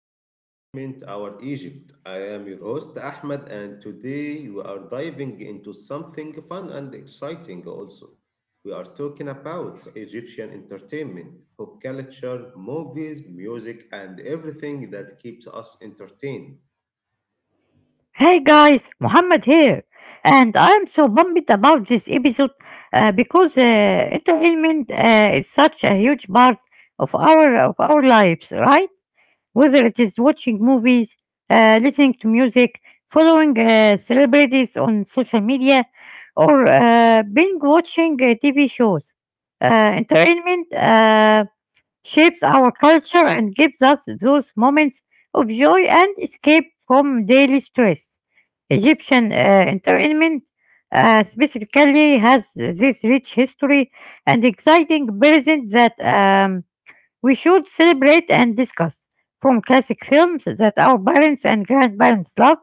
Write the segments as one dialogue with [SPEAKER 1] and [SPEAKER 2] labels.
[SPEAKER 1] to Entertainment Our Egypt. I am your host Ahmed, and today we are diving into something fun and exciting also. We are talking about Egyptian entertainment, pop culture, movies, music, and everything that keeps us entertained.
[SPEAKER 2] Hey guys, Muhammad here, and I'm so pumped about this episode because entertainment is such a huge part of our lives, right? Whether it is watching movies, listening to music, following celebrities on social media, or being watching TV shows, entertainment shapes our culture and gives us those moments of joy and escape from daily stress. Egyptian entertainment specifically has this rich history and exciting present that we should celebrate and discuss. From classic films that our parents and grandparents loved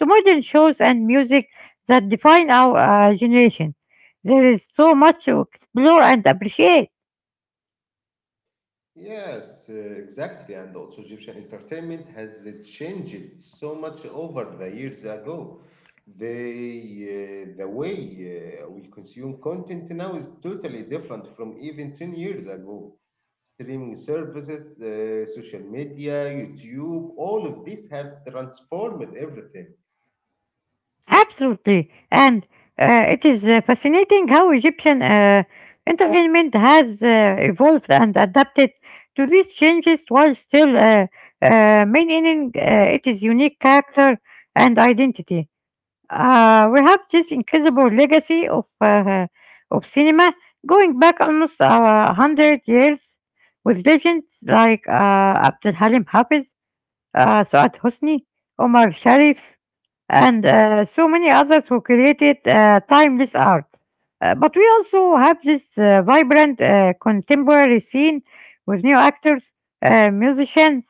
[SPEAKER 2] to modern shows and music that define our generation. There is so much to explore and appreciate.
[SPEAKER 1] Yes, exactly. And also, Egyptian entertainment has changed so much over the years ago. The way we consume content now is totally different from even 10 years ago. Streaming services, social media, YouTube, all of this have transformed everything.
[SPEAKER 2] Absolutely, and it is fascinating how Egyptian entertainment has evolved and adapted to these changes while still maintaining its unique character and identity. We have this incredible legacy of cinema going back almost a hundred years, with legends like Abdul Halim Hafiz, Saad Hosni, Omar Sharif, and so many others who created timeless art. But we also have this vibrant contemporary scene with new actors, musicians,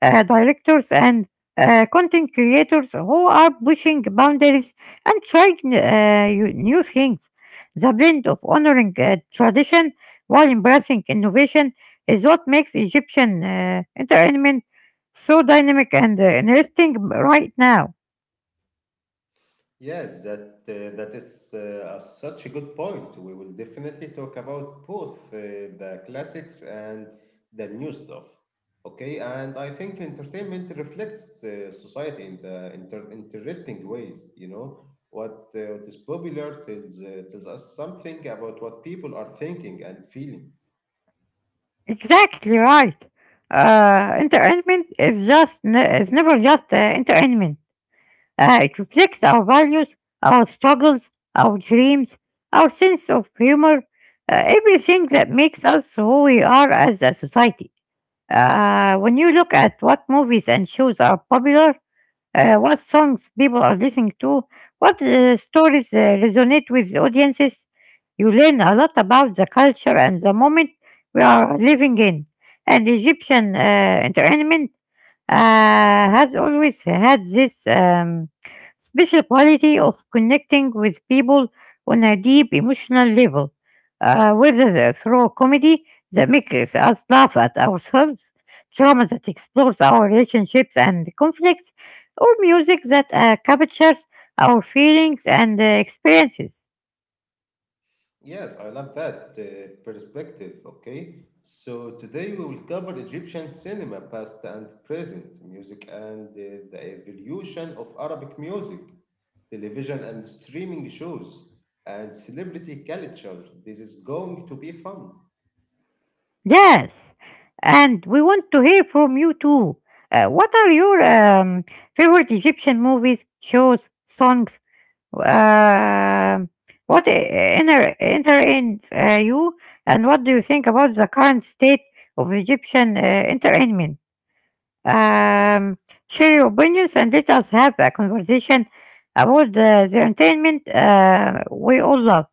[SPEAKER 2] directors, and content creators who are pushing boundaries and trying new things. The blend of honoring tradition while embracing innovation is what makes Egyptian entertainment so dynamic and interesting right now.
[SPEAKER 1] Yes, that is a such a good point. We will definitely talk about both the classics and the new stuff. Okay, and I think entertainment reflects society in the interesting ways. You know, what is popular tells us something about what people are thinking and feelings.
[SPEAKER 2] Exactly right. Entertainment is never just entertainment. It reflects our values, our struggles, our dreams, our sense of humor, everything that makes us who we are as a society. When you look at what movies and shows are popular, what songs people are listening to, what stories resonate with the audiences. You learn a lot about the culture and the moment we are living in. And Egyptian entertainment uh, has always had this special quality of connecting with people on a deep emotional level, whether they through comedy that makes us laugh at ourselves, drama that explores our relationships and conflicts, or music that captures our feelings and experiences.
[SPEAKER 1] Yes, I love that perspective. Okay, so today we will cover Egyptian cinema, past and present, music, and the evolution of Arabic music, television and streaming shows, and celebrity culture. This is going to be fun.
[SPEAKER 2] Yes, and we want to hear from you too. What are your favorite Egyptian movies, shows, songs, Um, what I- inner entertains you, and what do you think about the current state of Egyptian entertainment? Um, Share your opinions and let us have a conversation about the entertainment we all love.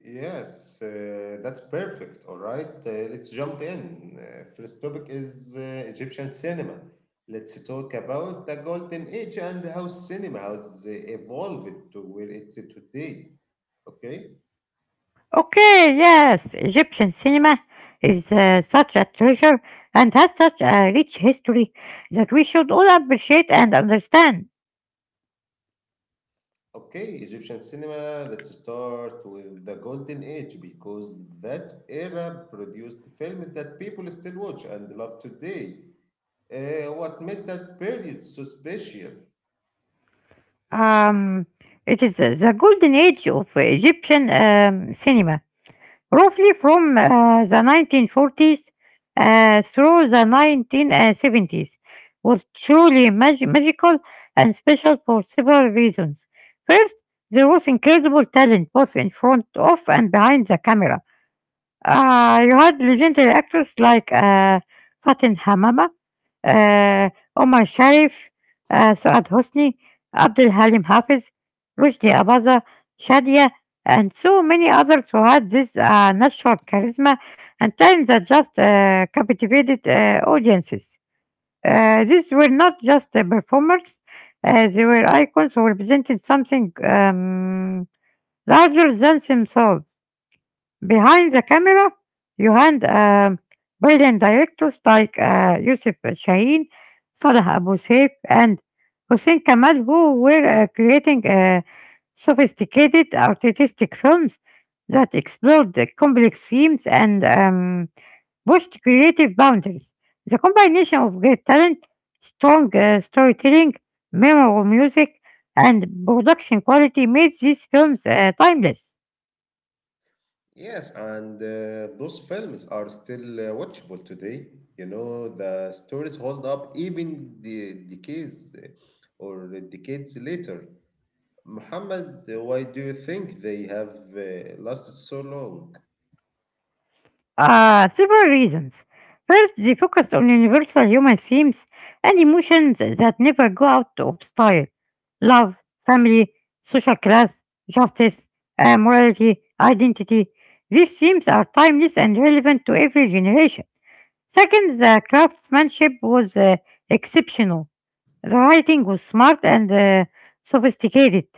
[SPEAKER 1] Yes, that's perfect. All right, let's jump in. First topic is Egyptian cinema. Let's talk about the golden age and how cinema has evolved to where it's at today. Okay,
[SPEAKER 2] Okay, yes, Egyptian cinema is such a treasure and has such a rich history that we should all appreciate and understand.
[SPEAKER 1] okay, Egyptian cinema. Let's start with the golden age because that era produced films that people still watch and love today. What made that period so special?
[SPEAKER 2] Um, it is the golden age of Egyptian cinema, roughly from the 1940s through the 1970s, was truly magical and special for several reasons. First, there was incredible talent both in front of and behind the camera. You had legendary actors like Fatin Hamama آآ عمر شرف، آآ سعاد حسني، Abdulhalim Hafiz, Rushdie Abaza, Shadia, and so many others who had this natural charisma and talent that just captivated audiences. These were not just performers, they were icons who represented something larger than themselves. Behind the camera, you had brilliant directors like Yusuf Shaheen, Salah Abu Seif, and Hossein Kamal, who were creating sophisticated artistic films that explored the complex themes and pushed creative boundaries. The combination of great talent, strong storytelling, memorable music, and production quality made these films timeless.
[SPEAKER 1] Yes, and those films are still watchable today. You know, the stories hold up even the decades or decades later. Muhammad, why do you think they have lasted so long?
[SPEAKER 2] Several reasons. First, they focused on universal human themes and emotions that never go out of style: love, family, social class, justice, morality, identity. These themes are timeless and relevant to every generation. Second, the craftsmanship was exceptional. The writing was smart and sophisticated.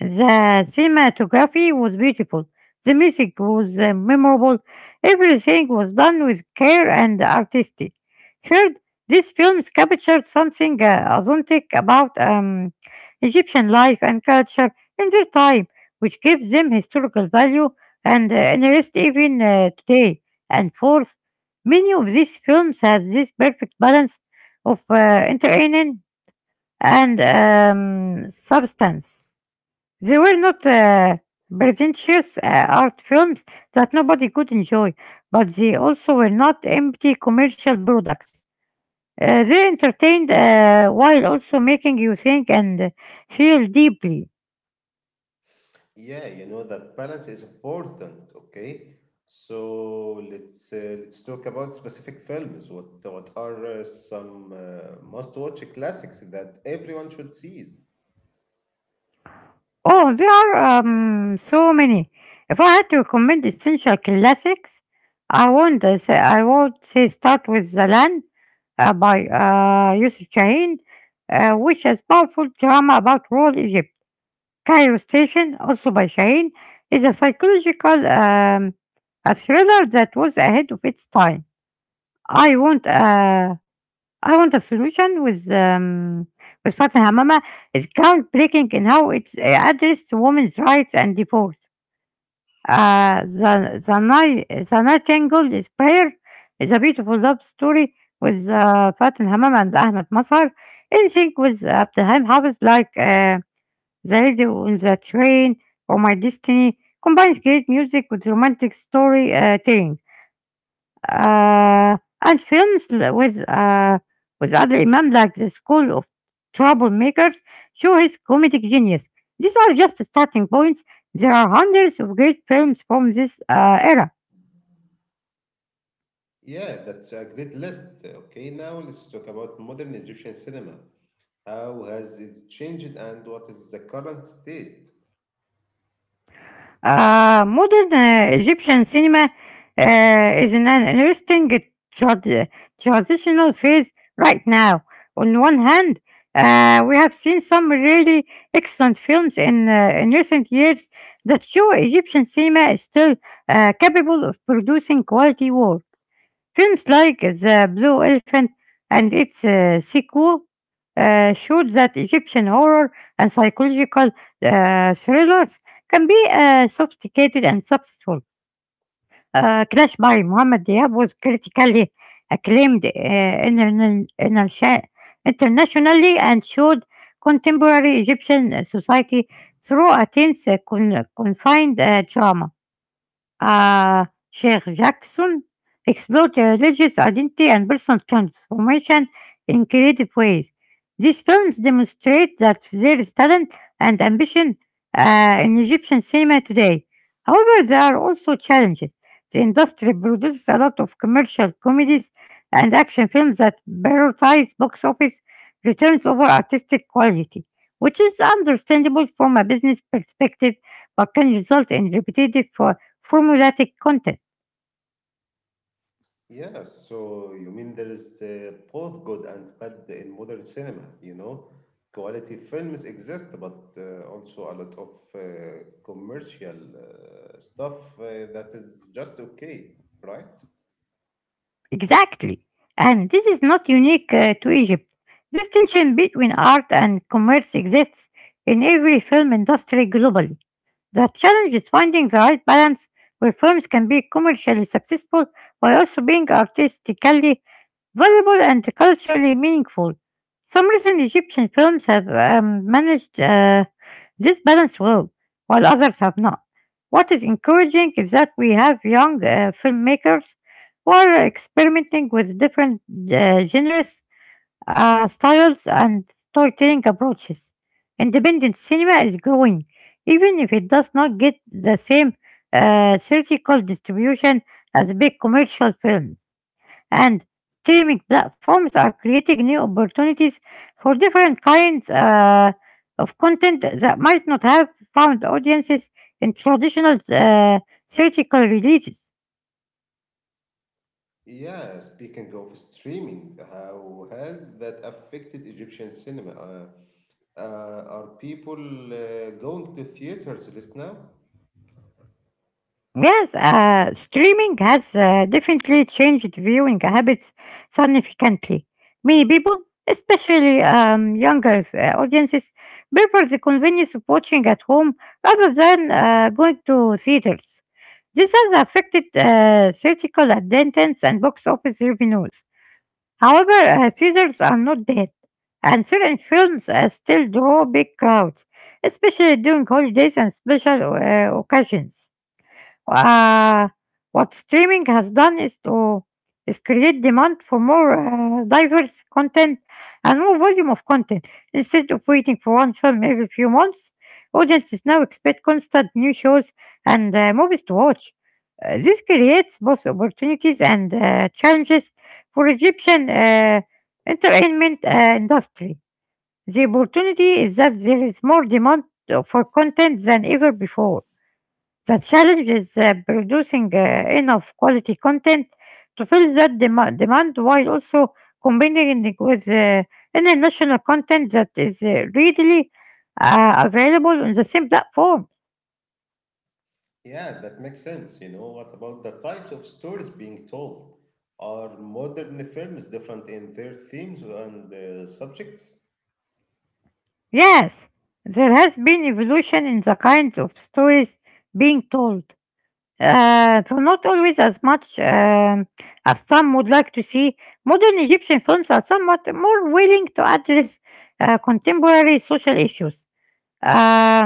[SPEAKER 2] The cinematography was beautiful. The music was memorable. Everything was done with care and artistic. Third, these films captured something authentic about Egyptian life and culture in their time, which gives them historical value and interest even today. And fourth, many of these films have this perfect balance of entertaining and substance. They were not pretentious art films that nobody could enjoy, but they also were not empty commercial products. They entertained while also making you think and feel deeply.
[SPEAKER 1] Yeah, you know that balance is important. Okay, so let's talk about specific films. What are some must-watch classics that everyone should see?
[SPEAKER 2] Oh, there are so many. If I had to recommend essential classics, I won't say I would say start with The Land by Yusuf Shahin, which is powerful drama about rural Egypt. Cairo Station, also by Shahin, is a psychological a thriller that was ahead of its time. I won't. I want a solution with Fatma Hamama is groundbreaking in how it's addressed women's rights and divorce. The Nightingale is Prayer is a beautiful love story with Fatin Hamam and Ahmed Masar in sync with Abdelhaim Hafiz like The Radio on the Train or My Destiny combines great music with romantic story telling. And films with Adel Imam like The School of Troublemakers show his comedic genius. These are just starting points. There are hundreds of great films from this era.
[SPEAKER 1] Yeah, that's a great list. Okay, now let's talk about modern Egyptian cinema. How has it changed and what is the current state?
[SPEAKER 2] Modern Egyptian cinema is in an interesting tra- transitional phase right now. On one hand, we have seen some really excellent films in recent years that show Egyptian cinema is still capable of producing quality work. Films like The Blue Elephant and its sequel showed that Egyptian horror and psychological thrillers can be sophisticated and successful. Crash by Muhammad Diab was critically acclaimed internationally and showed contemporary Egyptian society through a tense, confined drama. Uh, Sheikh Jackson explored religious identity and personal transformation in creative ways. These films demonstrate that there is talent and ambition in Egyptian cinema today. However, there are also challenges. The industry produces a lot of commercial comedies and action films that prioritize box office returns over artistic quality, which is understandable from a business perspective but can result in repetitive formulaic content.
[SPEAKER 1] Yeah, so you mean there is both good and bad in modern cinema, you know? Quality films exist, but also a lot of uh, commercial stuff that is just okay, right?
[SPEAKER 2] Exactly. And this is not unique to Egypt. This tension between art and commerce exists in every film industry globally. The challenge is finding the right balance where films can be commercially successful while also being artistically valuable and culturally meaningful. Some recent Egyptian films have managed this balance well, while others have not. What is encouraging is that we have young filmmakers who are experimenting with different genres, styles, and storytelling approaches. Independent cinema is growing, even if it does not get the same theatrical distribution as big commercial films, and streaming platforms are creating new opportunities for different kinds of content that might not have found audiences in traditional theatrical releases.
[SPEAKER 1] Yeah, speaking of streaming, how has that affected Egyptian cinema? Are people going to theaters less now?
[SPEAKER 2] Yes, streaming has definitely changed viewing habits significantly. Many people, especially younger audiences, prefer the convenience of watching at home rather than going to theaters. This has affected theatrical attendance and box office revenues. However, theaters are not dead, and certain films still draw big crowds, especially during holidays and special occasions. Uh, what streaming has done is create demand for more diverse content and more volume of content. Instead of waiting for one film every few months, audiences now expect constant new shows and movies to watch. This creates both opportunities and challenges for Egyptian entertainment industry. The opportunity is that there is more demand for content than ever before. The challenge is producing enough quality content to fill that demand while also combining it with international content that is readily available on the same platform.
[SPEAKER 1] Yeah, that makes sense. You know, what about the types of stories being told? Are modern films different in their themes and subjects?
[SPEAKER 2] Yes, there has been evolution in the kinds of stories being told. Though not always as much as some would like to see, modern Egyptian films are somewhat more willing to address contemporary social issues. Uh,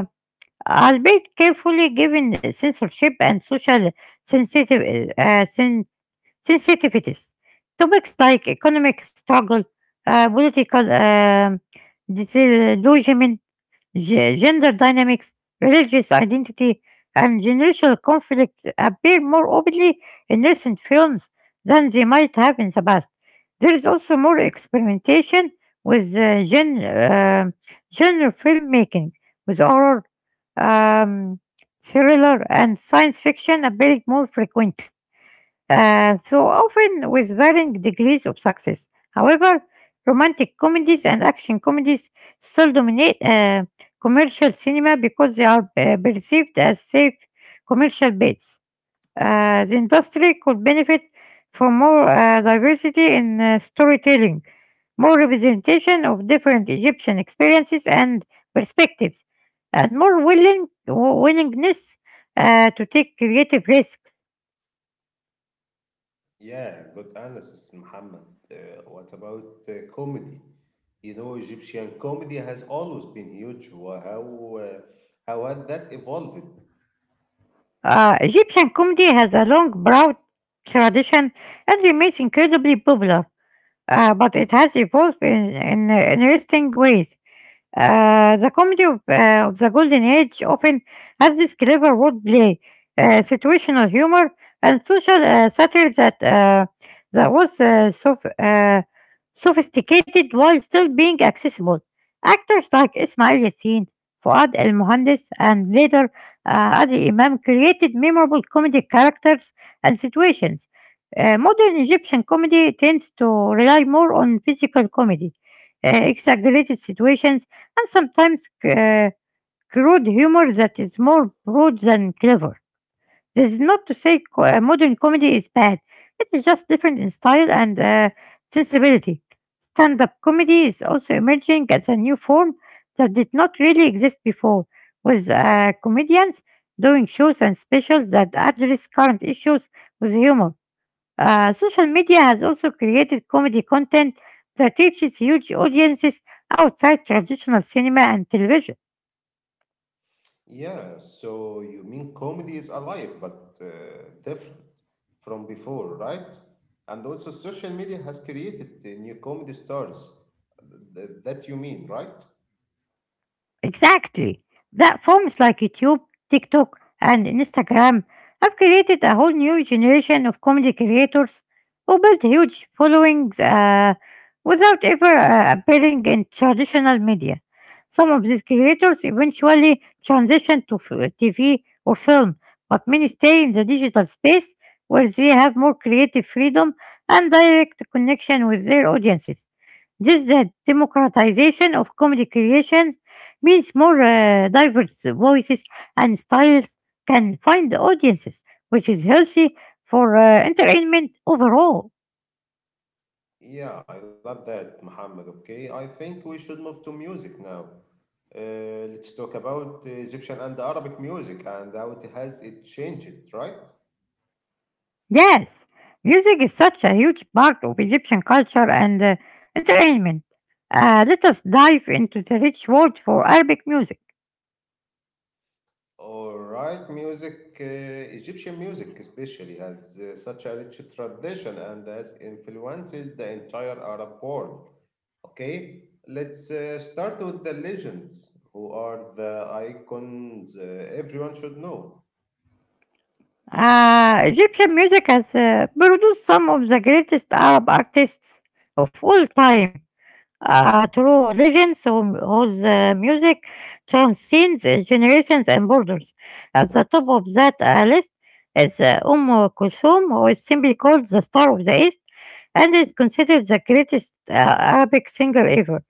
[SPEAKER 2] albeit carefully given censorship and social sensitive, uh, sen- sensitivities. Topics like economic struggle, political disillusionment, gender dynamics, religious identity, and generational conflicts appear more openly in recent films than they might have in the past. There is also more experimentation with um genre filmmaking, with horror, um, thriller, and science fiction appearing more frequently so often with varying degrees of success. However, romantic comedies and action comedies still dominate commercial cinema because they are perceived as safe commercial bets. The industry could benefit from more diversity in storytelling, more representation of different Egyptian experiences and perspectives, and more willingness to take creative risks.
[SPEAKER 1] Yeah, good analysis, Muhammad. What about comedy? You know, Egyptian comedy has always been huge. How had that evolved?
[SPEAKER 2] Egyptian comedy has a long, proud tradition and remains incredibly popular but it has evolved in interesting ways. The comedy of, of the Golden Age often has this clever wordplay, situational humor, and social satire that was sophisticated while still being accessible. Actors like Ismail Yassin, Fuad El Mohandes, and later Adi Imam created memorable comedic characters and situations. Uh, modern Egyptian comedy tends to rely more on physical comedy, exaggerated situations, and sometimes crude humor that is more broad than clever. This is not to say modern comedy is bad, it is just different in style and sensibility. Stand up comedy is also emerging as a new form that did not really exist before, with comedians doing shows and specials that address current issues with humor. Uh, social media has also created comedy content that reaches huge audiences outside traditional cinema and television.
[SPEAKER 1] Yeah, so you mean comedy is alive but different from before, right? And also, social media has created the new comedy stars. That you mean, right?
[SPEAKER 2] Exactly. Platforms like YouTube, TikTok, and Instagram have created a whole new generation of comedy creators who built huge followings without ever appearing in traditional media. Some of these creators eventually transition to TV or film, but many stay in the digital space where they have more creative freedom and direct connection with their audiences. Just the democratization of comedy creation means more diverse voices and styles can find audiences, which is healthy for entertainment overall.
[SPEAKER 1] Yeah, I love that, Muhammad. Okay, I think we should move to music now. Let's talk about Egyptian and Arabic music and how it has it changed, right?
[SPEAKER 2] Yes, music is such a huge part of Egyptian culture and entertainment. Let us dive into the rich world for Arabic music.
[SPEAKER 1] All right, music, Egyptian music especially has such a rich tradition and has influenced the entire Arab world. Okay, let's start with the legends, who are the icons everyone should know.
[SPEAKER 2] Egyptian music has produced some of the greatest Arab artists of all time through legends whose music transcends generations and borders. At the top of that list is Kulthum, who is simply called the Star of the East and is considered the greatest Arabic singer ever.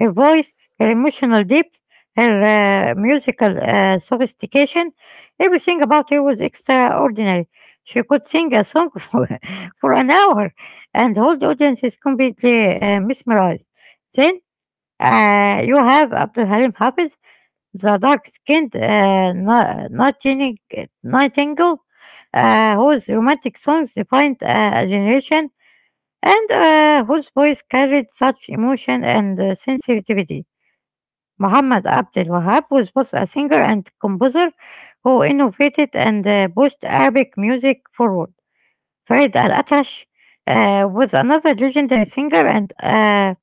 [SPEAKER 2] Her voice, her emotional depth, her musical sophistication, everything about her was extraordinary. She could sing a song for an hour and hold audiences completely mesmerized. Then you have Abdul Halim Hafiz, the dark-skinned nightingale, whose romantic songs defined a generation and whose voice carried such emotion and sensitivity. Muhammad Abdel Wahab was both a singer and composer who innovated and pushed Arabic music forward. Farid Al Atash was another legendary singer and uh,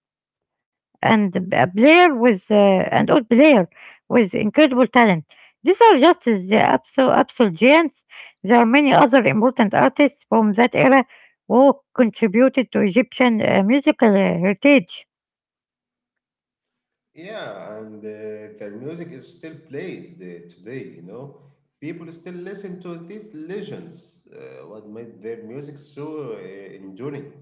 [SPEAKER 2] and b- a player with an old player with incredible talent. These are just the absolute giants. There are many other important artists from that era who contributed to Egyptian musical heritage.
[SPEAKER 1] Yeah, and their music is still played today, you know. People still listen to these legends, what made their music so enduring.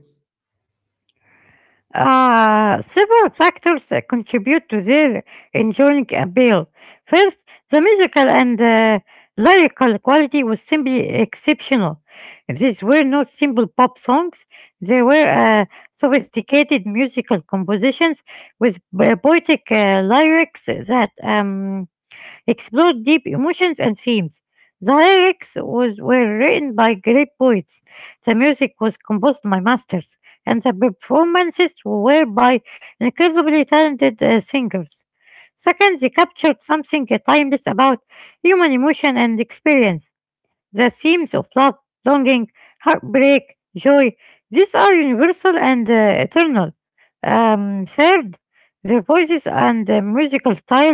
[SPEAKER 2] Several factors contribute to their enduring appeal. First, the musical and lyrical quality was simply exceptional. These were not simple pop songs, they were sophisticated musical compositions with poetic lyrics that explored deep emotions and themes. The lyrics were written by great poets, the music was composed by masters, and the performances were by incredibly talented singers. Second, they captured something timeless about human emotion and experience. The themes of love, longing, heartbreak, joy, these are universal and eternal. Third, their voices and musical style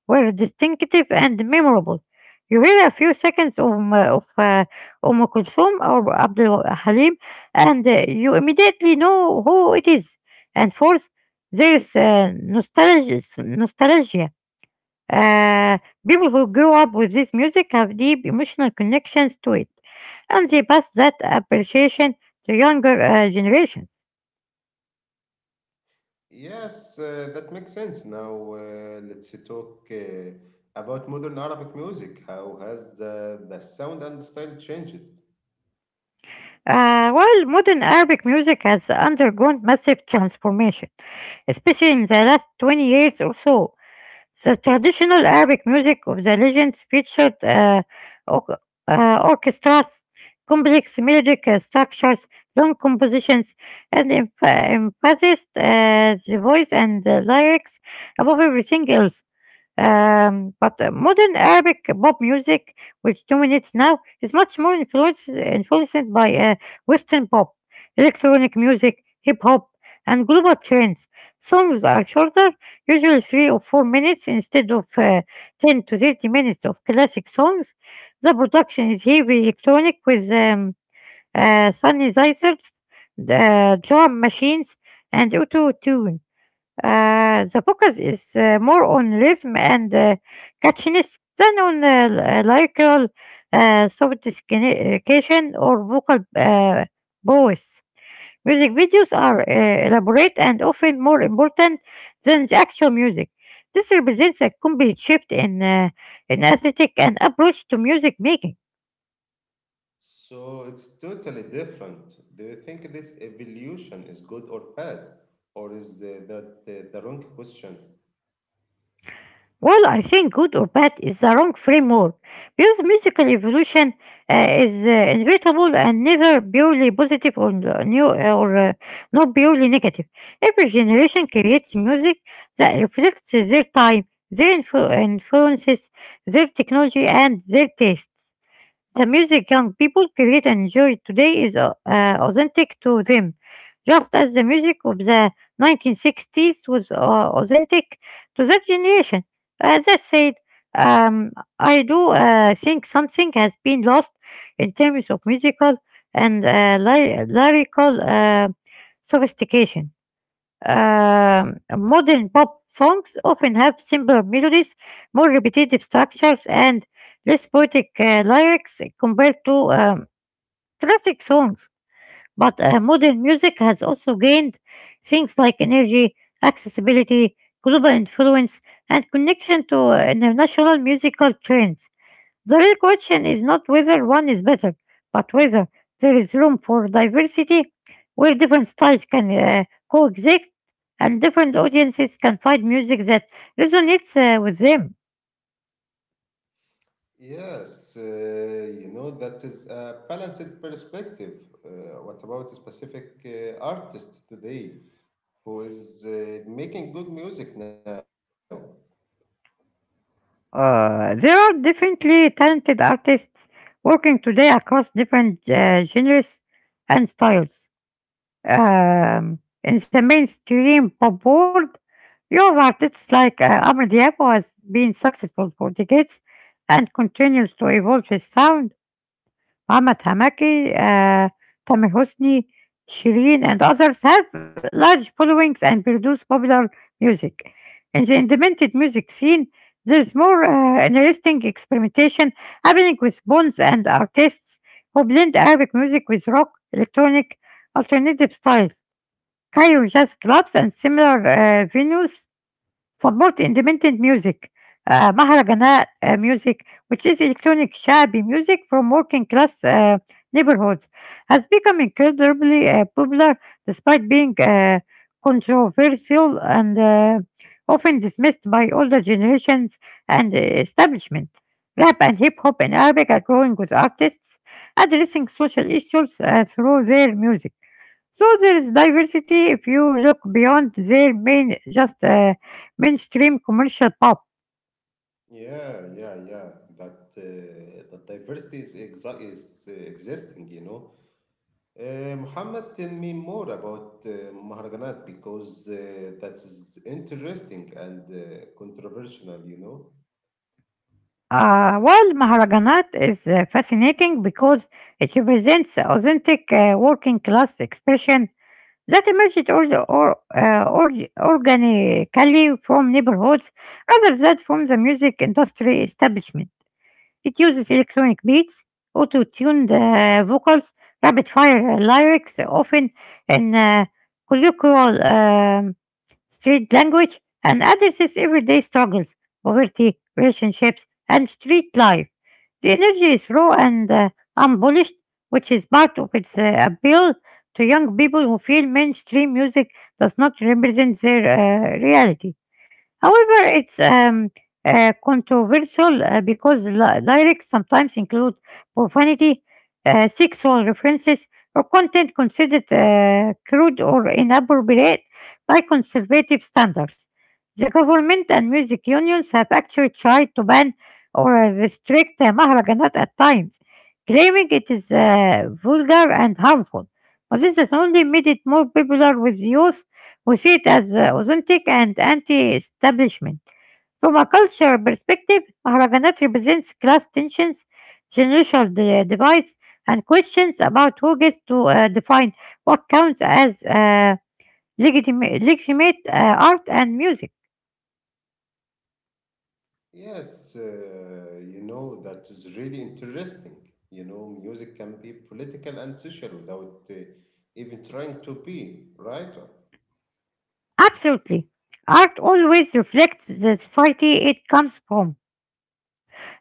[SPEAKER 2] were distinctive and memorable. You hear a few seconds of, Kulthum or Abdul Halim, and you immediately know who it is. And fourth, there is nostalgia. Uh, People who grew up with this music have deep emotional connections to it, and they pass that appreciation to younger generations.
[SPEAKER 1] Yes, that makes sense. Now, let's talk about modern Arabic music. How has the sound and style changed?
[SPEAKER 2] While modern Arabic music has undergone massive transformation, especially in the last 20 years or so, the traditional Arabic music of the legends featured or- orchestras, complex melodic structures, long compositions, and emphasized the voice and the lyrics above everything else. But modern Arabic pop music, which dominates now, is much more influenced by Western pop, electronic music, hip hop, and global trends. Songs are shorter, usually 3 or 4 minutes instead of 10 to 30 minutes of classic songs. The production is heavy electronic with synthesizers, drum machines, and auto tune. The focus is more on rhythm and catchiness than on lyrical sophistication or vocal voice. Music videos are elaborate and often more important than the actual music. This represents a complete shift in aesthetic and approach to music making.
[SPEAKER 1] So it's totally different. Do you think this evolution is good or bad, or is that the wrong question?
[SPEAKER 2] Well, I think good or bad is the wrong framework because musical evolution is inevitable and neither purely positive or n- new or not purely negative. Every generation creates music that reflects their time, their influences, their technology, and their tastes. The music young people create and enjoy today is authentic to them, just as the music of the 1960s was authentic to that generation. As I said, um, I do think something has been lost in terms of musical and lyrical sophistication. Modern pop songs often have simpler melodies, more repetitive structures, and less poetic lyrics compared to classic songs. But modern music has also gained things like energy, accessibility, global influence, and connection to international musical trends. The real question is not whether one is better, but whether there is room for diversity where different styles can coexist and different audiences can find music that resonates with them.
[SPEAKER 1] Yes, you know, that is a balanced perspective. What about a specific artist today who is making good music now?
[SPEAKER 2] There are definitely talented artists working today across different genres and styles. In the mainstream pop world, young artists like Amr Diab has been successful for decades and continues to evolve his sound. Muhammad Hamaki, Tamir Hosni, Shireen, and others have large followings and produce popular music. In the independent music scene, there's more interesting experimentation happening with bands and artists who blend Arabic music with rock, electronic, alternative styles. Cairo jazz clubs and similar venues support independent music, Maharajana music, which is electronic shabi music from working class neighborhoods, has become incredibly popular despite being controversial and often dismissed by older generations and establishment. Rap and hip hop in Arabic are growing with artists addressing social issues through their music. So there is diversity if you look beyond their mainstream commercial pop.
[SPEAKER 1] Yeah, yeah, yeah. That that diversity is exa is existing, you know. Muhammad, tell me more about Maharaganat because that is interesting and controversial, you know.
[SPEAKER 2] While Maharaganat is fascinating because it represents authentic working class expression that emerged or, uh, or, organically from neighborhoods rather than from the music industry establishment. It uses electronic beats, auto-tuned vocals, rapid-fire lyrics, often in colloquial street language, and addresses everyday struggles, poverty, relationships, and street life. The energy is raw and unpolished, which is part of its appeal to young people who feel mainstream music does not represent their reality. However, it's controversial because lyrics sometimes include profanity, sexual references, or content considered crude or inappropriate by conservative standards. The government and music unions have actually tried to ban or restrict Maharajanat at times, claiming it is vulgar and harmful. But this has only made it more popular with youth وسيت as authentic and anti-establishment. From a cultural perspective, Maharajanat represents class tensions, generational divides, and questions about who gets to define what counts as legitimate art and music.
[SPEAKER 1] Yes, you know, that is really interesting. You know, music can be political and social without even trying to be, right?
[SPEAKER 2] Absolutely. Art always reflects the society it comes from,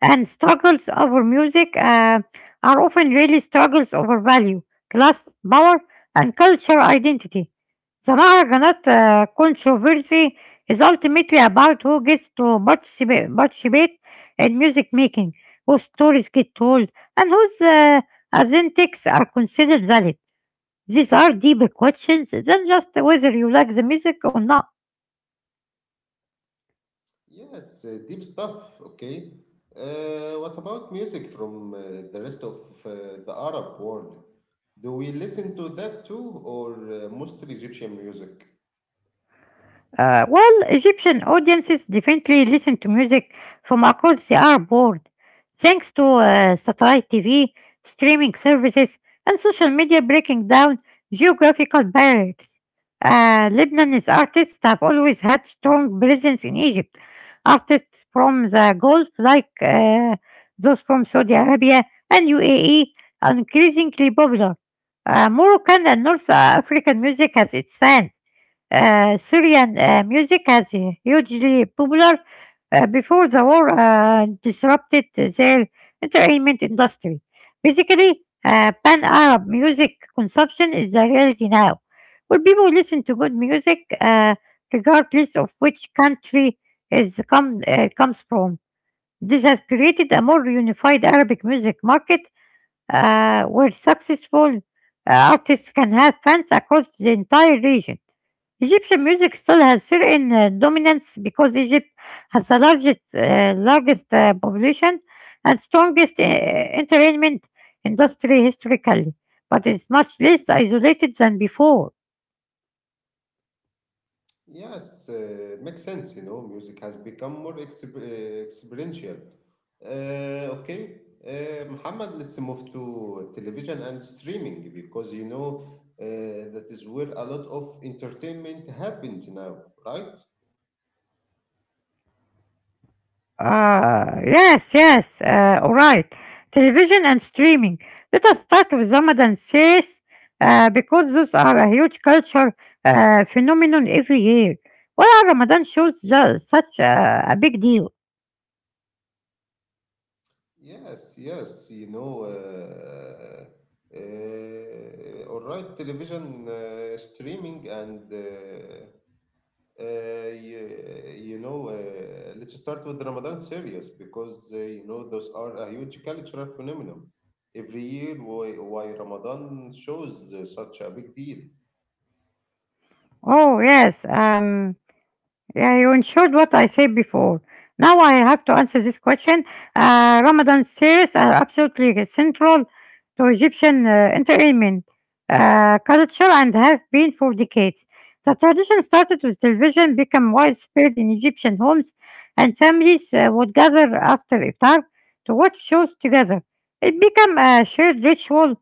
[SPEAKER 2] and struggles over music are often really struggles over value, class, power, and cultural identity. The Maharganat controversy is ultimately about who gets to participate in music making, whose stories get told, and whose authentics are considered valid. These are deeper questions than just whether you like the music or not.
[SPEAKER 1] Yes, deep stuff, okay. What about music from the rest of the Arab world? Do we listen to that too, or mostly Egyptian music?
[SPEAKER 2] Well, Egyptian audiences definitely listen to music from across the Arab world, thanks to satellite TV, streaming services, and social media breaking down geographical barriers. Lebanon's artists have always had strong presence in Egypt. Artists from the Gulf, like those from Saudi Arabia and UAE, are increasingly popular. Moroccan and North African music has its fans. Syrian music has hugely popular before the war disrupted their entertainment industry. Basically, pan Arab music consumption is the reality now, where people listen to good music regardless of which country comes from. This has created a more unified Arabic music market where successful artists can have fans across the entire region. Egyptian music still has certain dominance because Egypt has the largest population and strongest entertainment industry historically, but it's much less isolated than before.
[SPEAKER 1] Yes, makes sense. You know, music has become more experiential. Okay, Muhammad, let's move to television and streaming because you know that is where a lot of entertainment happens now, right?
[SPEAKER 2] Ah, yes, yes. All right. Television and streaming. Let us start with Ramadan series because those are a huge culture phenomenon every year. Why are Ramadan shows such a big deal?
[SPEAKER 1] Yes, yes, you know. All right, television streaming and you, you know, let's start with Ramadan series because you know those are a huge cultural phenomenon. Every year, why Ramadan shows such a big deal?
[SPEAKER 2] Oh, yes. Yeah, you ensured what I said before. Now I have to answer this question. Ramadan series are absolutely central to Egyptian entertainment culture and have been for decades. The tradition started with television, became widespread in Egyptian homes, and families would gather after iftar to watch shows together. It became a shared ritual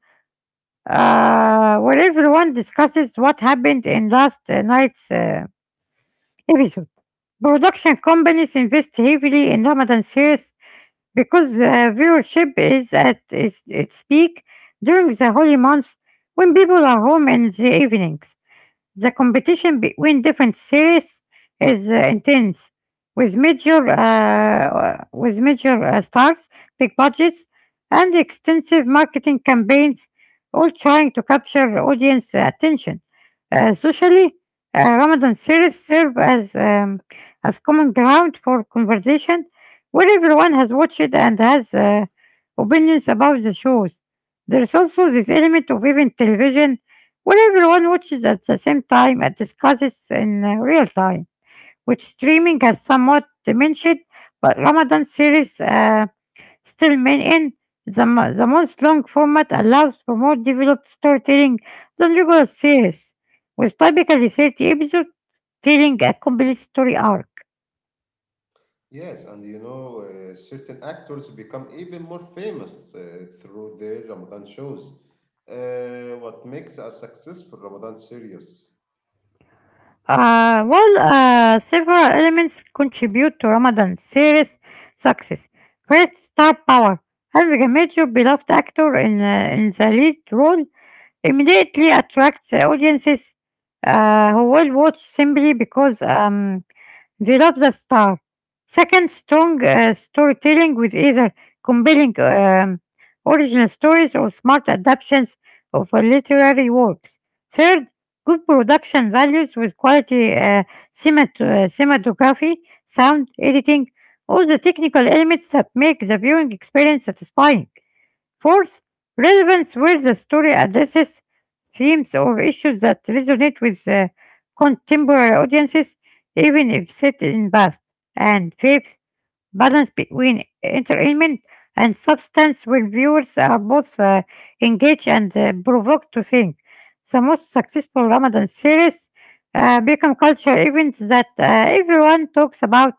[SPEAKER 2] where everyone discusses what happened in last night's episode. Production companies invest heavily in Ramadan series because viewership is at its peak during the holy months when people are home in the evenings. The competition between different series is intense, with major with major stars, big budgets, and extensive marketing campaigns, all trying to capture audience attention. Socially, Ramadan series serve as common ground for conversation, where everyone has watched it and has opinions about the shows. There is also this element of even television where everyone watches at the same time and discusses in real time, which streaming has somewhat diminished, but Ramadan series still maintain the most long format allows for more developed storytelling than regular series, with typically 30 episodes telling a complete story arc.
[SPEAKER 1] Yes, and you know, certain actors become even more famous through their Ramadan shows. What makes a successful Ramadan series?
[SPEAKER 2] Several elements contribute to Ramadan's serious success. First, star power. Having a major beloved actor in the lead role immediately attracts audiences who will watch simply because they love the star. Second, strong storytelling with either compelling original stories or smart adaptations of literary works. Third, good production values with quality cinematography, sound, editing, all the technical elements that make the viewing experience satisfying. Fourth, relevance where the story addresses themes or issues that resonate with contemporary audiences, even if set in past. And fifth, balance between entertainment and substance where viewers are both engaged and provoked to think. The most successful Ramadan series become cultural events that everyone talks about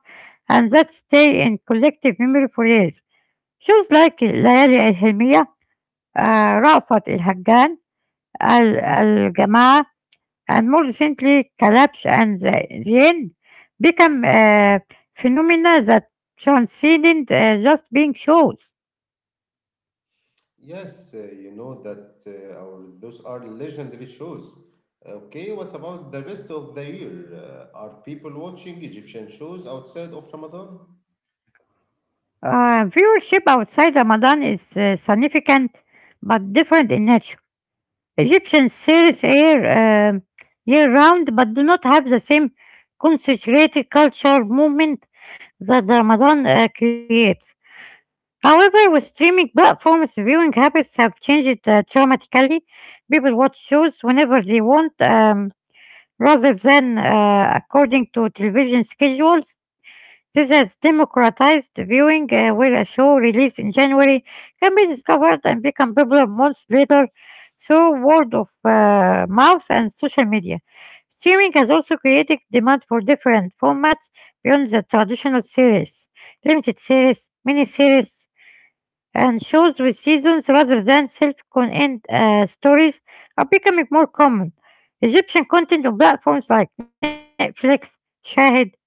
[SPEAKER 2] and that stay in collective memory for years. Shows like Layali Al uh, Rafat al Haggan, Al Jamaa, and more recently Collapse and the End become phenomena that transcended just being shows.
[SPEAKER 1] Yes, you know that our those are legendary shows. Okay, what about the rest of the year? Are people watching Egyptian shows outside of Ramadan?
[SPEAKER 2] Viewership outside Ramadan is significant but different in nature. Egyptian series air year round but do not have the same concentrated cultural movement that Ramadan creates. However, with streaming platforms, viewing habits have changed dramatically. People watch shows whenever they want rather than according to television schedules. This has democratized viewing, where a show released in January can be discovered and become popular months later through word of mouth and social media. Streaming has also created demand for different formats beyond the traditional series, limited series, miniseries, and shows with seasons rather than self-contained stories are becoming more common. Egyptian content on platforms like Netflix, Shahid, Watch It,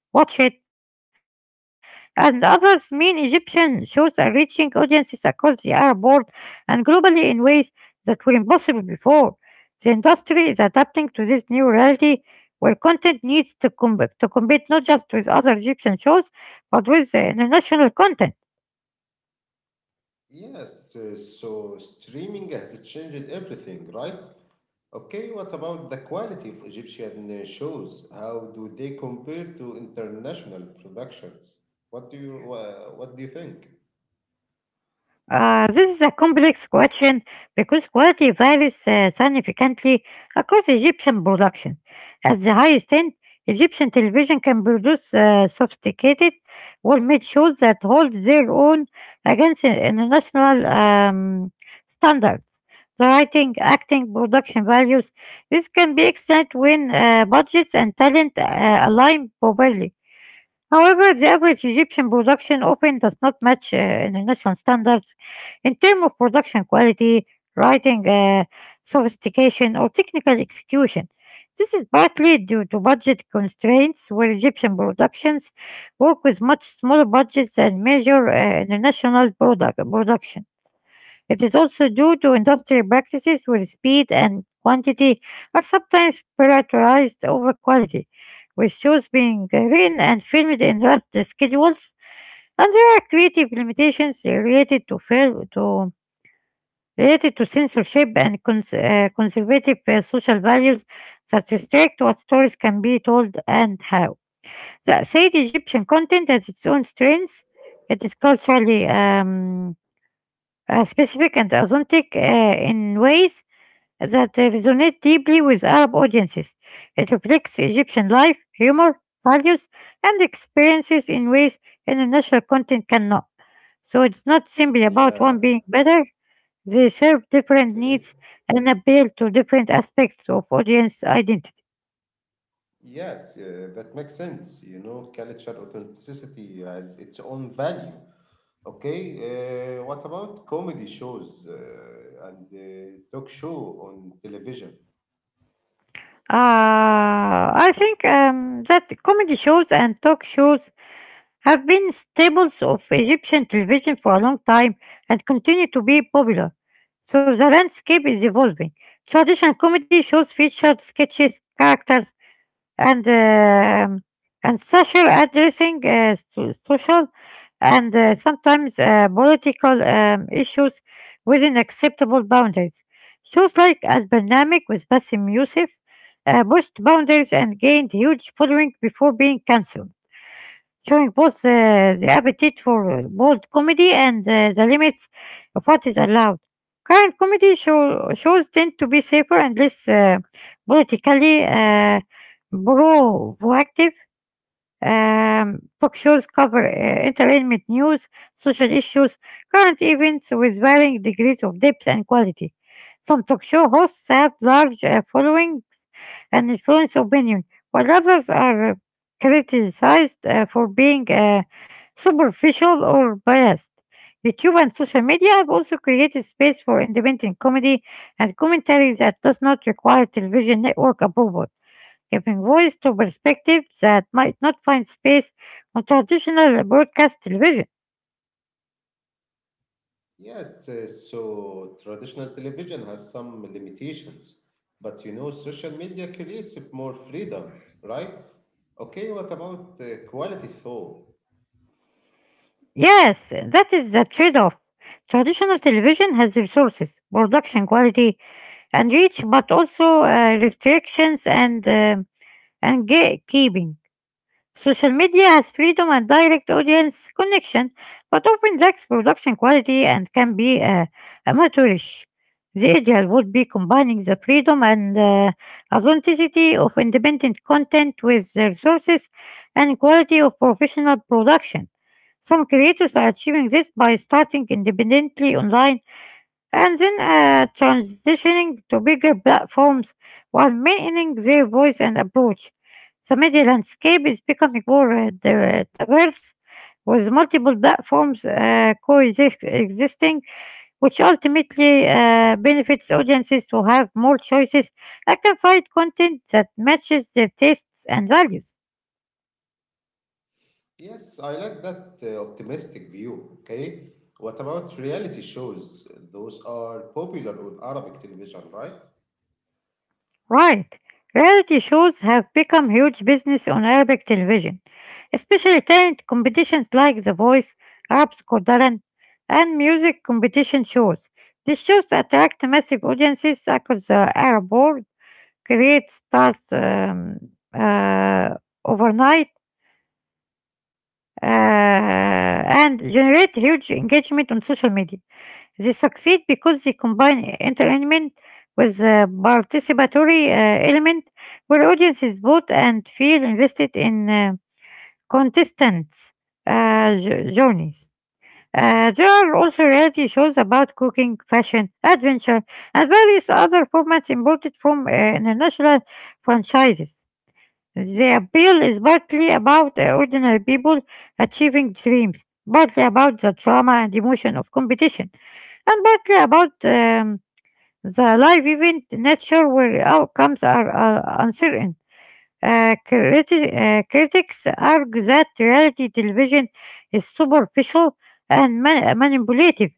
[SPEAKER 2] and others mean Egyptian shows are reaching audiences across the Arab world and globally in ways that were impossible before. The industry is adapting to this new reality where content needs to compete not just with other Egyptian shows, but with international content.
[SPEAKER 1] Yes, so streaming has changed everything, right? Okay, what about the quality of Egyptian shows? How do they compare to international productions? What do you think?
[SPEAKER 2] This is a complex question because quality varies significantly across Egyptian production. At the highest end, Egyptian television can produce sophisticated, well-made shows that hold their own against international standards. The writing, acting, production values. This can be excellent when budgets and talent align properly. However, the average Egyptian production often does not match international standards in terms of production quality, writing sophistication, or technical execution. This is partly due to budget constraints, where Egyptian productions work with much smaller budgets and measure international production. It is also due to industrial practices where speed and quantity are sometimes prioritized over quality, with shows being written and filmed in rushed schedules, and there are creative limitations related to censorship and conservative social values that restrict what stories can be told and how. That said, Egyptian content has its own strengths. It is culturally specific and authentic in ways that resonate deeply with Arab audiences. It reflects Egyptian life, humor, values, and experiences in ways international content cannot. So it's not simply about
[SPEAKER 1] Yeah,
[SPEAKER 2] one being better, they serve different
[SPEAKER 1] okay.
[SPEAKER 2] needs and appeal to different aspects of audience identity.
[SPEAKER 1] Yes, that makes sense. You know, culture authenticity has its own value. Okay, what about comedy shows and talk show on television?
[SPEAKER 2] I think that comedy shows and talk shows have been staples of Egyptian television for a long time and continue to be popular. So the landscape is evolving. Traditional comedy shows featured sketches, characters, and um and social addressing social and sometimes political issues within acceptable boundaries. Shows like Al-Barnamik with Bassem Youssef pushed boundaries and gained huge following before being cancelled, showing both the appetite for bold comedy and the limits of what is allowed. Current shows tend to be safer and less politically provocative. Talk shows cover entertainment news, social issues, current events with varying degrees of depth and quality. Some talk show hosts have large following and influence opinion, while others are criticized for being superficial or biased. YouTube and social media have also created space for independent comedy and commentary that does not require television network approval, giving voice to perspectives that might not find space on traditional broadcast television.
[SPEAKER 1] Yes, so traditional television has some limitations, but you know, social media creates more freedom, right? Okay, what about quality though?
[SPEAKER 2] Yes, that is the trade off. Traditional television has resources, production quality, and reach, but also restrictions and gatekeeping. Social media has freedom and direct audience connection, but often lacks production quality and can be amateurish. The ideal would be combining the freedom and authenticity of independent content with the resources and quality of professional production. Some creators are achieving this by starting independently online and then transitioning to bigger platforms while maintaining their voice and approach. The media landscape is becoming more diverse, with multiple platforms coexisting, which ultimately benefits audiences to have more choices and can find content that matches their tastes and values.
[SPEAKER 1] Yes, I like that optimistic view. Okay, what about reality shows? Those are popular with Arabic television, right?
[SPEAKER 2] Right. Reality shows have become huge business on Arabic television, especially talent competitions like The Voice, Arab's Got Talent, and music competition shows. These shows attract massive audiences across the Arab world, create stars uh, overnight, and generate huge engagement on social media. They succeed because they combine entertainment with a participatory element where audiences vote and feel invested in contestants' journeys. There are also reality shows about cooking, fashion, adventure, and various other formats imported from international franchises. The appeal is partly about ordinary people achieving dreams, partly about the drama and emotion of competition, and partly about the life event nature where outcomes are uncertain. Critics argue that reality television is superficial and manipulative,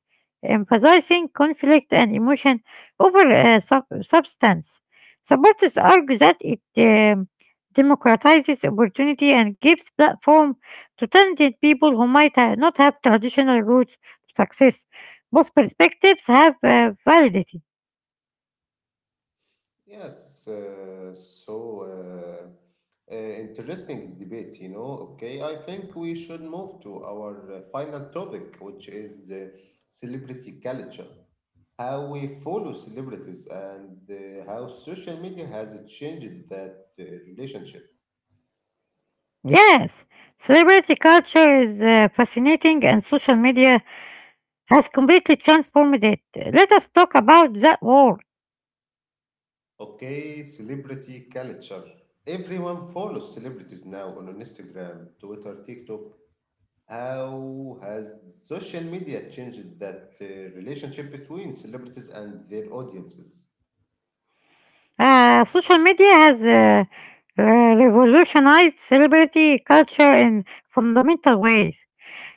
[SPEAKER 2] emphasizing conflict and emotion over substance. Supporters argue that it democratizes opportunity and gives platform to talented people who might not have traditional routes to success. Both perspectives have validity.
[SPEAKER 1] Yes, so interesting debate, you know. Okay, I think we should move to our final topic, which is celebrity culture. How we follow celebrities and how social media has changed that relationship.
[SPEAKER 2] Yes, celebrity culture is fascinating, and social media has completely transformed it. Let us talk about that word.
[SPEAKER 1] Okay, celebrity culture. Everyone follows celebrities now on Instagram, Twitter, TikTok. How has social media changed that relationship between celebrities and their audiences?
[SPEAKER 2] Social media has uh, revolutionized celebrity culture in fundamental ways.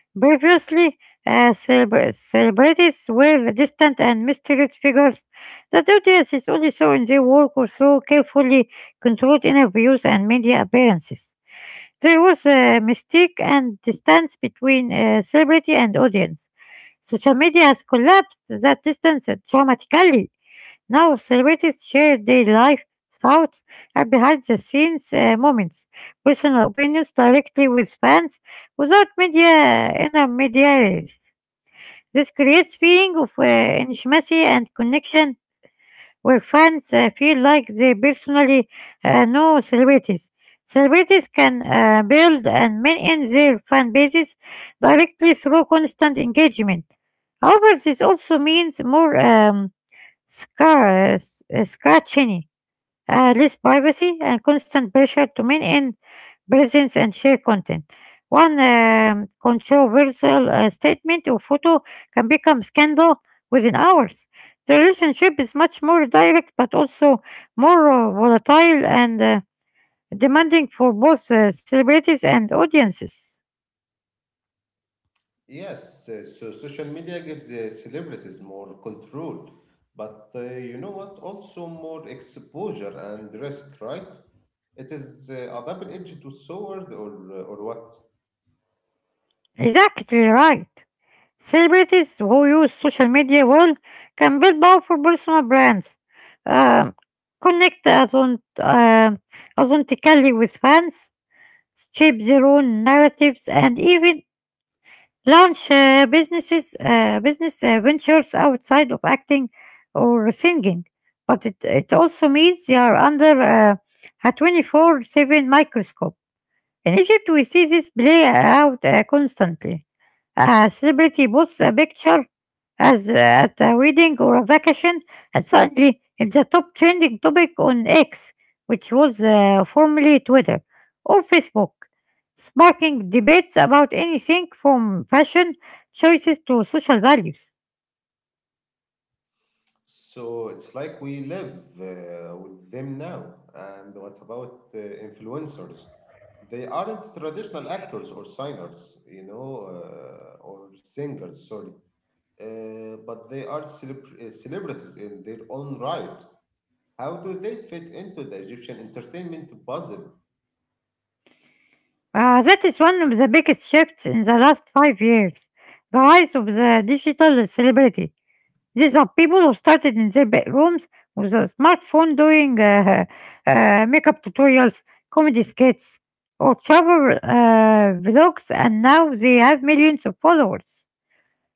[SPEAKER 2] Previously, celebrities were distant and mysterious figures that the audience is only saw in their work or through carefully controlled interviews and media appearances. There was a mystique and distance between celebrity and audience. Social media has collapsed that distance dramatically. Now celebrities share their life, thoughts, and behind the scenes moments, personal opinions directly with fans without media intermediaries. This creates feeling of intimacy and connection where fans feel like they personally know celebrities. Celebrities can build and maintain their fan bases directly through constant engagement. However, this also means more scarcity, less privacy and constant pressure to maintain presence and share content. One controversial statement or photo can become scandal within hours. The relationship is much more direct but also more volatile and demanding for both celebrities and audiences.
[SPEAKER 1] Yes, so social media gives celebrities more control, but you know what? Also more exposure and risk, right? It is a double-edged sword, or what?
[SPEAKER 2] Exactly right. Celebrities who use social media well can build powerful personal brands, um, connect authentically with fans, shape their own narratives, and even launch business ventures outside of acting or singing. But it also means they are under a 24/7 microscope. In Egypt, we see this play out constantly. A celebrity posts a picture as at a wedding or a vacation, and suddenly it's a top trending topic on X, which was formerly Twitter, or Facebook, sparking debates about anything from fashion choices to social values.
[SPEAKER 1] So it's like we live with them now. And what about influencers? They aren't traditional actors or signers, you know, or singers, sorry. But they are celebrities in their own right. How do they fit into the Egyptian entertainment puzzle?
[SPEAKER 2] That is one of the biggest shifts in the last 5 years, the rise of the digital celebrity. These are people who started in their bedrooms with a smartphone doing makeup tutorials, comedy skits, or travel vlogs, and now they have millions of followers.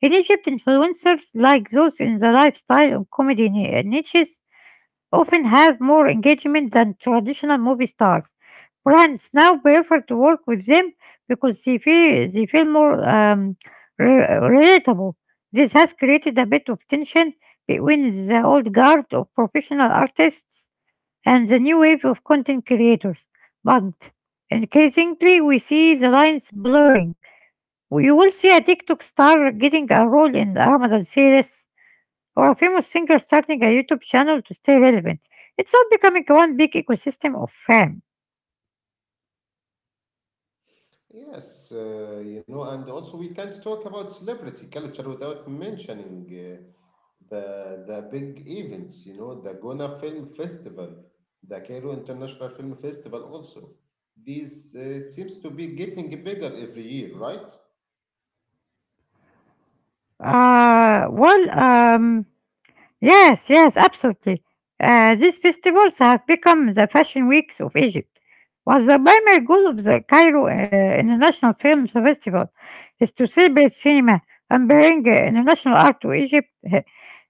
[SPEAKER 2] In Egypt, influencers like those in the lifestyle and comedy niches often have more engagement than traditional movie stars. Brands now prefer to work with them because they feel more relatable. This has created a bit of tension between the old guard of professional artists and the new wave of content creators. But increasingly, we see the lines blurring. You will see a TikTok star getting a role in a Ramadan series, or a famous singer starting a YouTube channel to stay relevant. It's all becoming one big ecosystem of fame.
[SPEAKER 1] Yes, you know, and also we can't talk about celebrity culture without mentioning the big events. You know, the Gona Film Festival, the Cairo International Film Festival. Also, these seems to be getting bigger every year, right?
[SPEAKER 2] Uh, well, um, yes, yes, absolutely. These festivals have become the fashion weeks of Egypt. Was the primary goal of the Cairo International Films Festival is to celebrate cinema and bring international art to Egypt. Uh,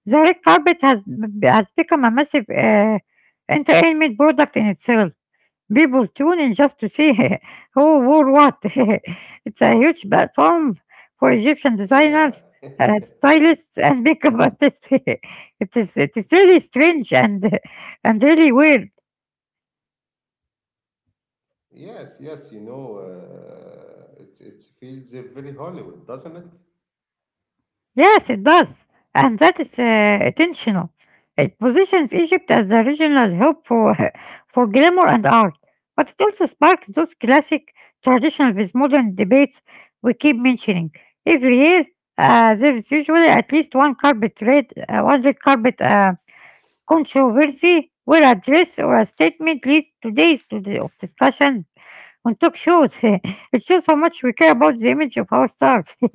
[SPEAKER 2] The red carpet has become a massive entertainment product in itself. People tune in just to see who wore what. It's a huge platform for Egyptian designers,
[SPEAKER 1] Yeah.
[SPEAKER 2] stylists, and makeup artists. It is really strange and really weird.
[SPEAKER 1] Yes, yes, you know, it feels very Hollywood, doesn't it?
[SPEAKER 2] Yes, it does. And that is intentional. It positions Egypt as the regional hub for, for glamour and art. But it also sparks those classic traditional with modern debates we keep mentioning. Every year, there is usually at least one carpet red, one red carpet controversy where a dress or a statement leads to days of discussion on talk shows. It shows how much we care about the image of our stars.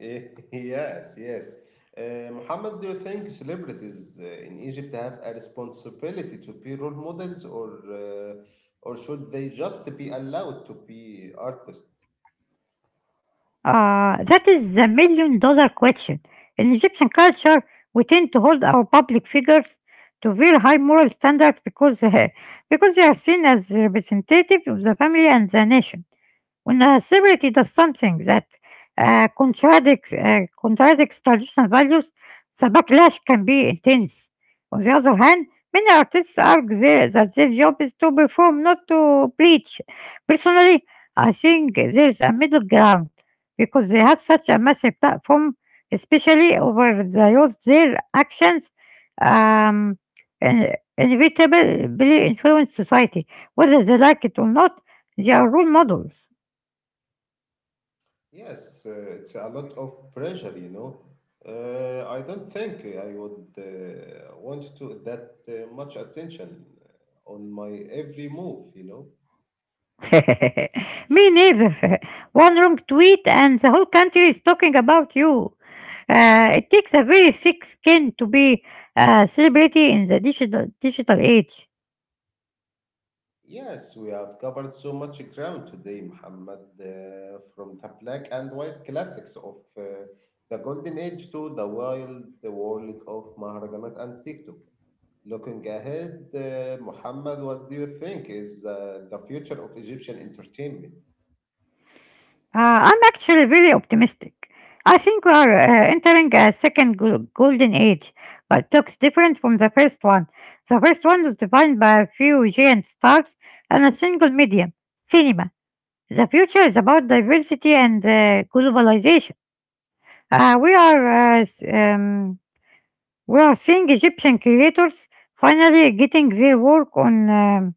[SPEAKER 1] Eh, Yes, yes. Mohammed, do you think celebrities in Egypt have a responsibility to be role models, or should they just be allowed to be artists?
[SPEAKER 2] That is the million dollar question. In Egyptian culture, we tend to hold our public figures to very high moral standards because, because they are seen as representative of the family and the nation when a celebrity does something that contradicts traditional values, the backlash can be intense. On the other hand, many artists argue that their job is to perform, not to preach. Personally, I think there's a middle ground because they have such a massive platform, especially over the youth. Their actions um, in- inevitably influence society, whether they like it or not. They are role models.
[SPEAKER 1] Yes, it's a lot of pressure, you know. I don't think I would want to that much attention on my every move, you know.
[SPEAKER 2] Me neither. One wrong tweet and the whole country is talking about you. It takes a very thick skin to be a celebrity in the digital age.
[SPEAKER 1] Yes, we have covered so much ground today, Muhammad, from the black and white classics of the Golden Age to the wild world of Maharajanat and TikTok. Looking ahead, Muhammad, what do you think is the future of Egyptian entertainment?
[SPEAKER 2] I'm actually really optimistic. I think we are entering a second golden age, but looks different from the first one. The first one was defined by a few giant stars and a single medium, cinema. The future is about diversity and globalization. Uh, we are uh, s- um, we are seeing Egyptian creators finally getting their work on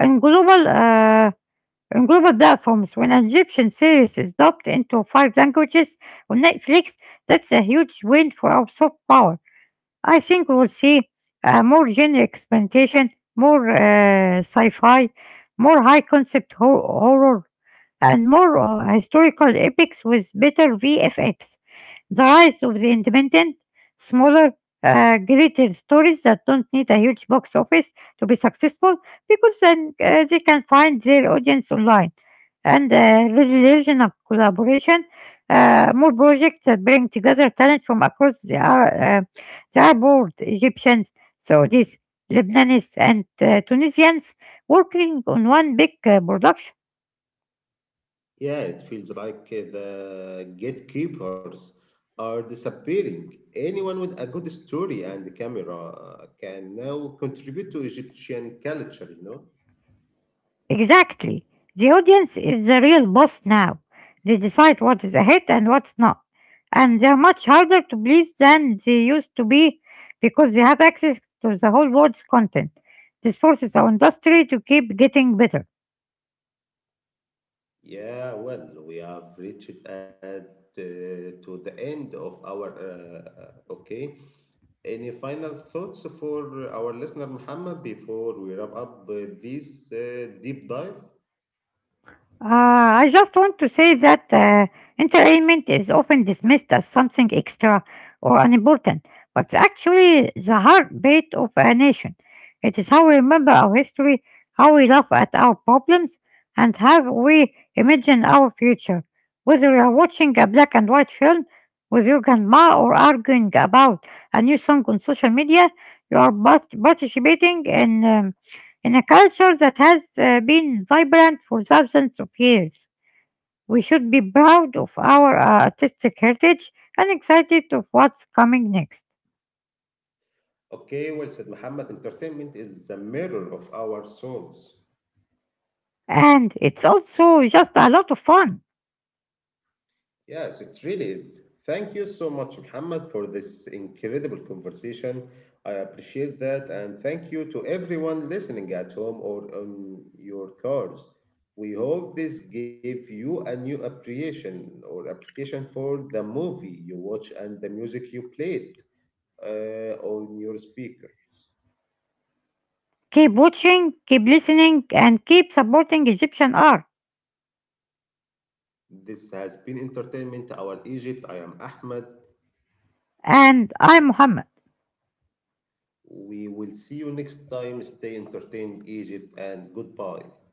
[SPEAKER 2] on global uh, on global platforms. When an Egyptian series is dubbed into five languages on Netflix, that's a huge win for our soft power. I think we'll see more genre experimentation, more sci-fi, more high concept horror, and more historical epics with better VFX. The rise of the independent, smaller, greater stories that don't need a huge box office to be successful because then they can find their audience online. And regional collaboration, more projects that bring together talent from across the Arab world, Egyptians, Saudis, Lebanese, and Tunisians working on one big production.
[SPEAKER 1] Yeah, it feels like the gatekeepers are disappearing. Anyone with a good story and camera can now contribute to Egyptian culture, you know?
[SPEAKER 2] Exactly. The audience is the real boss now. They decide what is a hit and what's not. And they're much harder to please than they used to be because they have access to the whole world's content. This forces our industry to keep getting better.
[SPEAKER 1] Yeah, well, we have reached at to the end of our okay. Any final thoughts for our listener, Muhammad, before we wrap up this deep dive?
[SPEAKER 2] I just want to say that entertainment is often dismissed as something extra or unimportant, but it's actually the heartbeat of a nation. It is how we remember our history, how we laugh at our problems, and how we imagine our future. Whether you are watching a black and white film with your grandma or arguing about a new song on social media, you are participating in. In a culture that has been vibrant for thousands of years, we should be proud of our artistic heritage and excited of what's coming next.
[SPEAKER 1] Okay, well said, Muhammad. Entertainment is the mirror of our souls.
[SPEAKER 2] And it's also just a lot of fun.
[SPEAKER 1] Yes, it really is. Thank you so much, Muhammad, for this incredible conversation. I appreciate that. And thank you to everyone listening at home or on your cars. We hope this gave you a new appreciation or application for the movie you watch and the music you played on your speakers.
[SPEAKER 2] Keep watching, keep listening, and keep supporting Egyptian art.
[SPEAKER 1] This has been Entertainment Our Egypt. I am Ahmed.
[SPEAKER 2] And I'm Mohammed.
[SPEAKER 1] We will see you next time. Stay entertained, Egypt, and goodbye.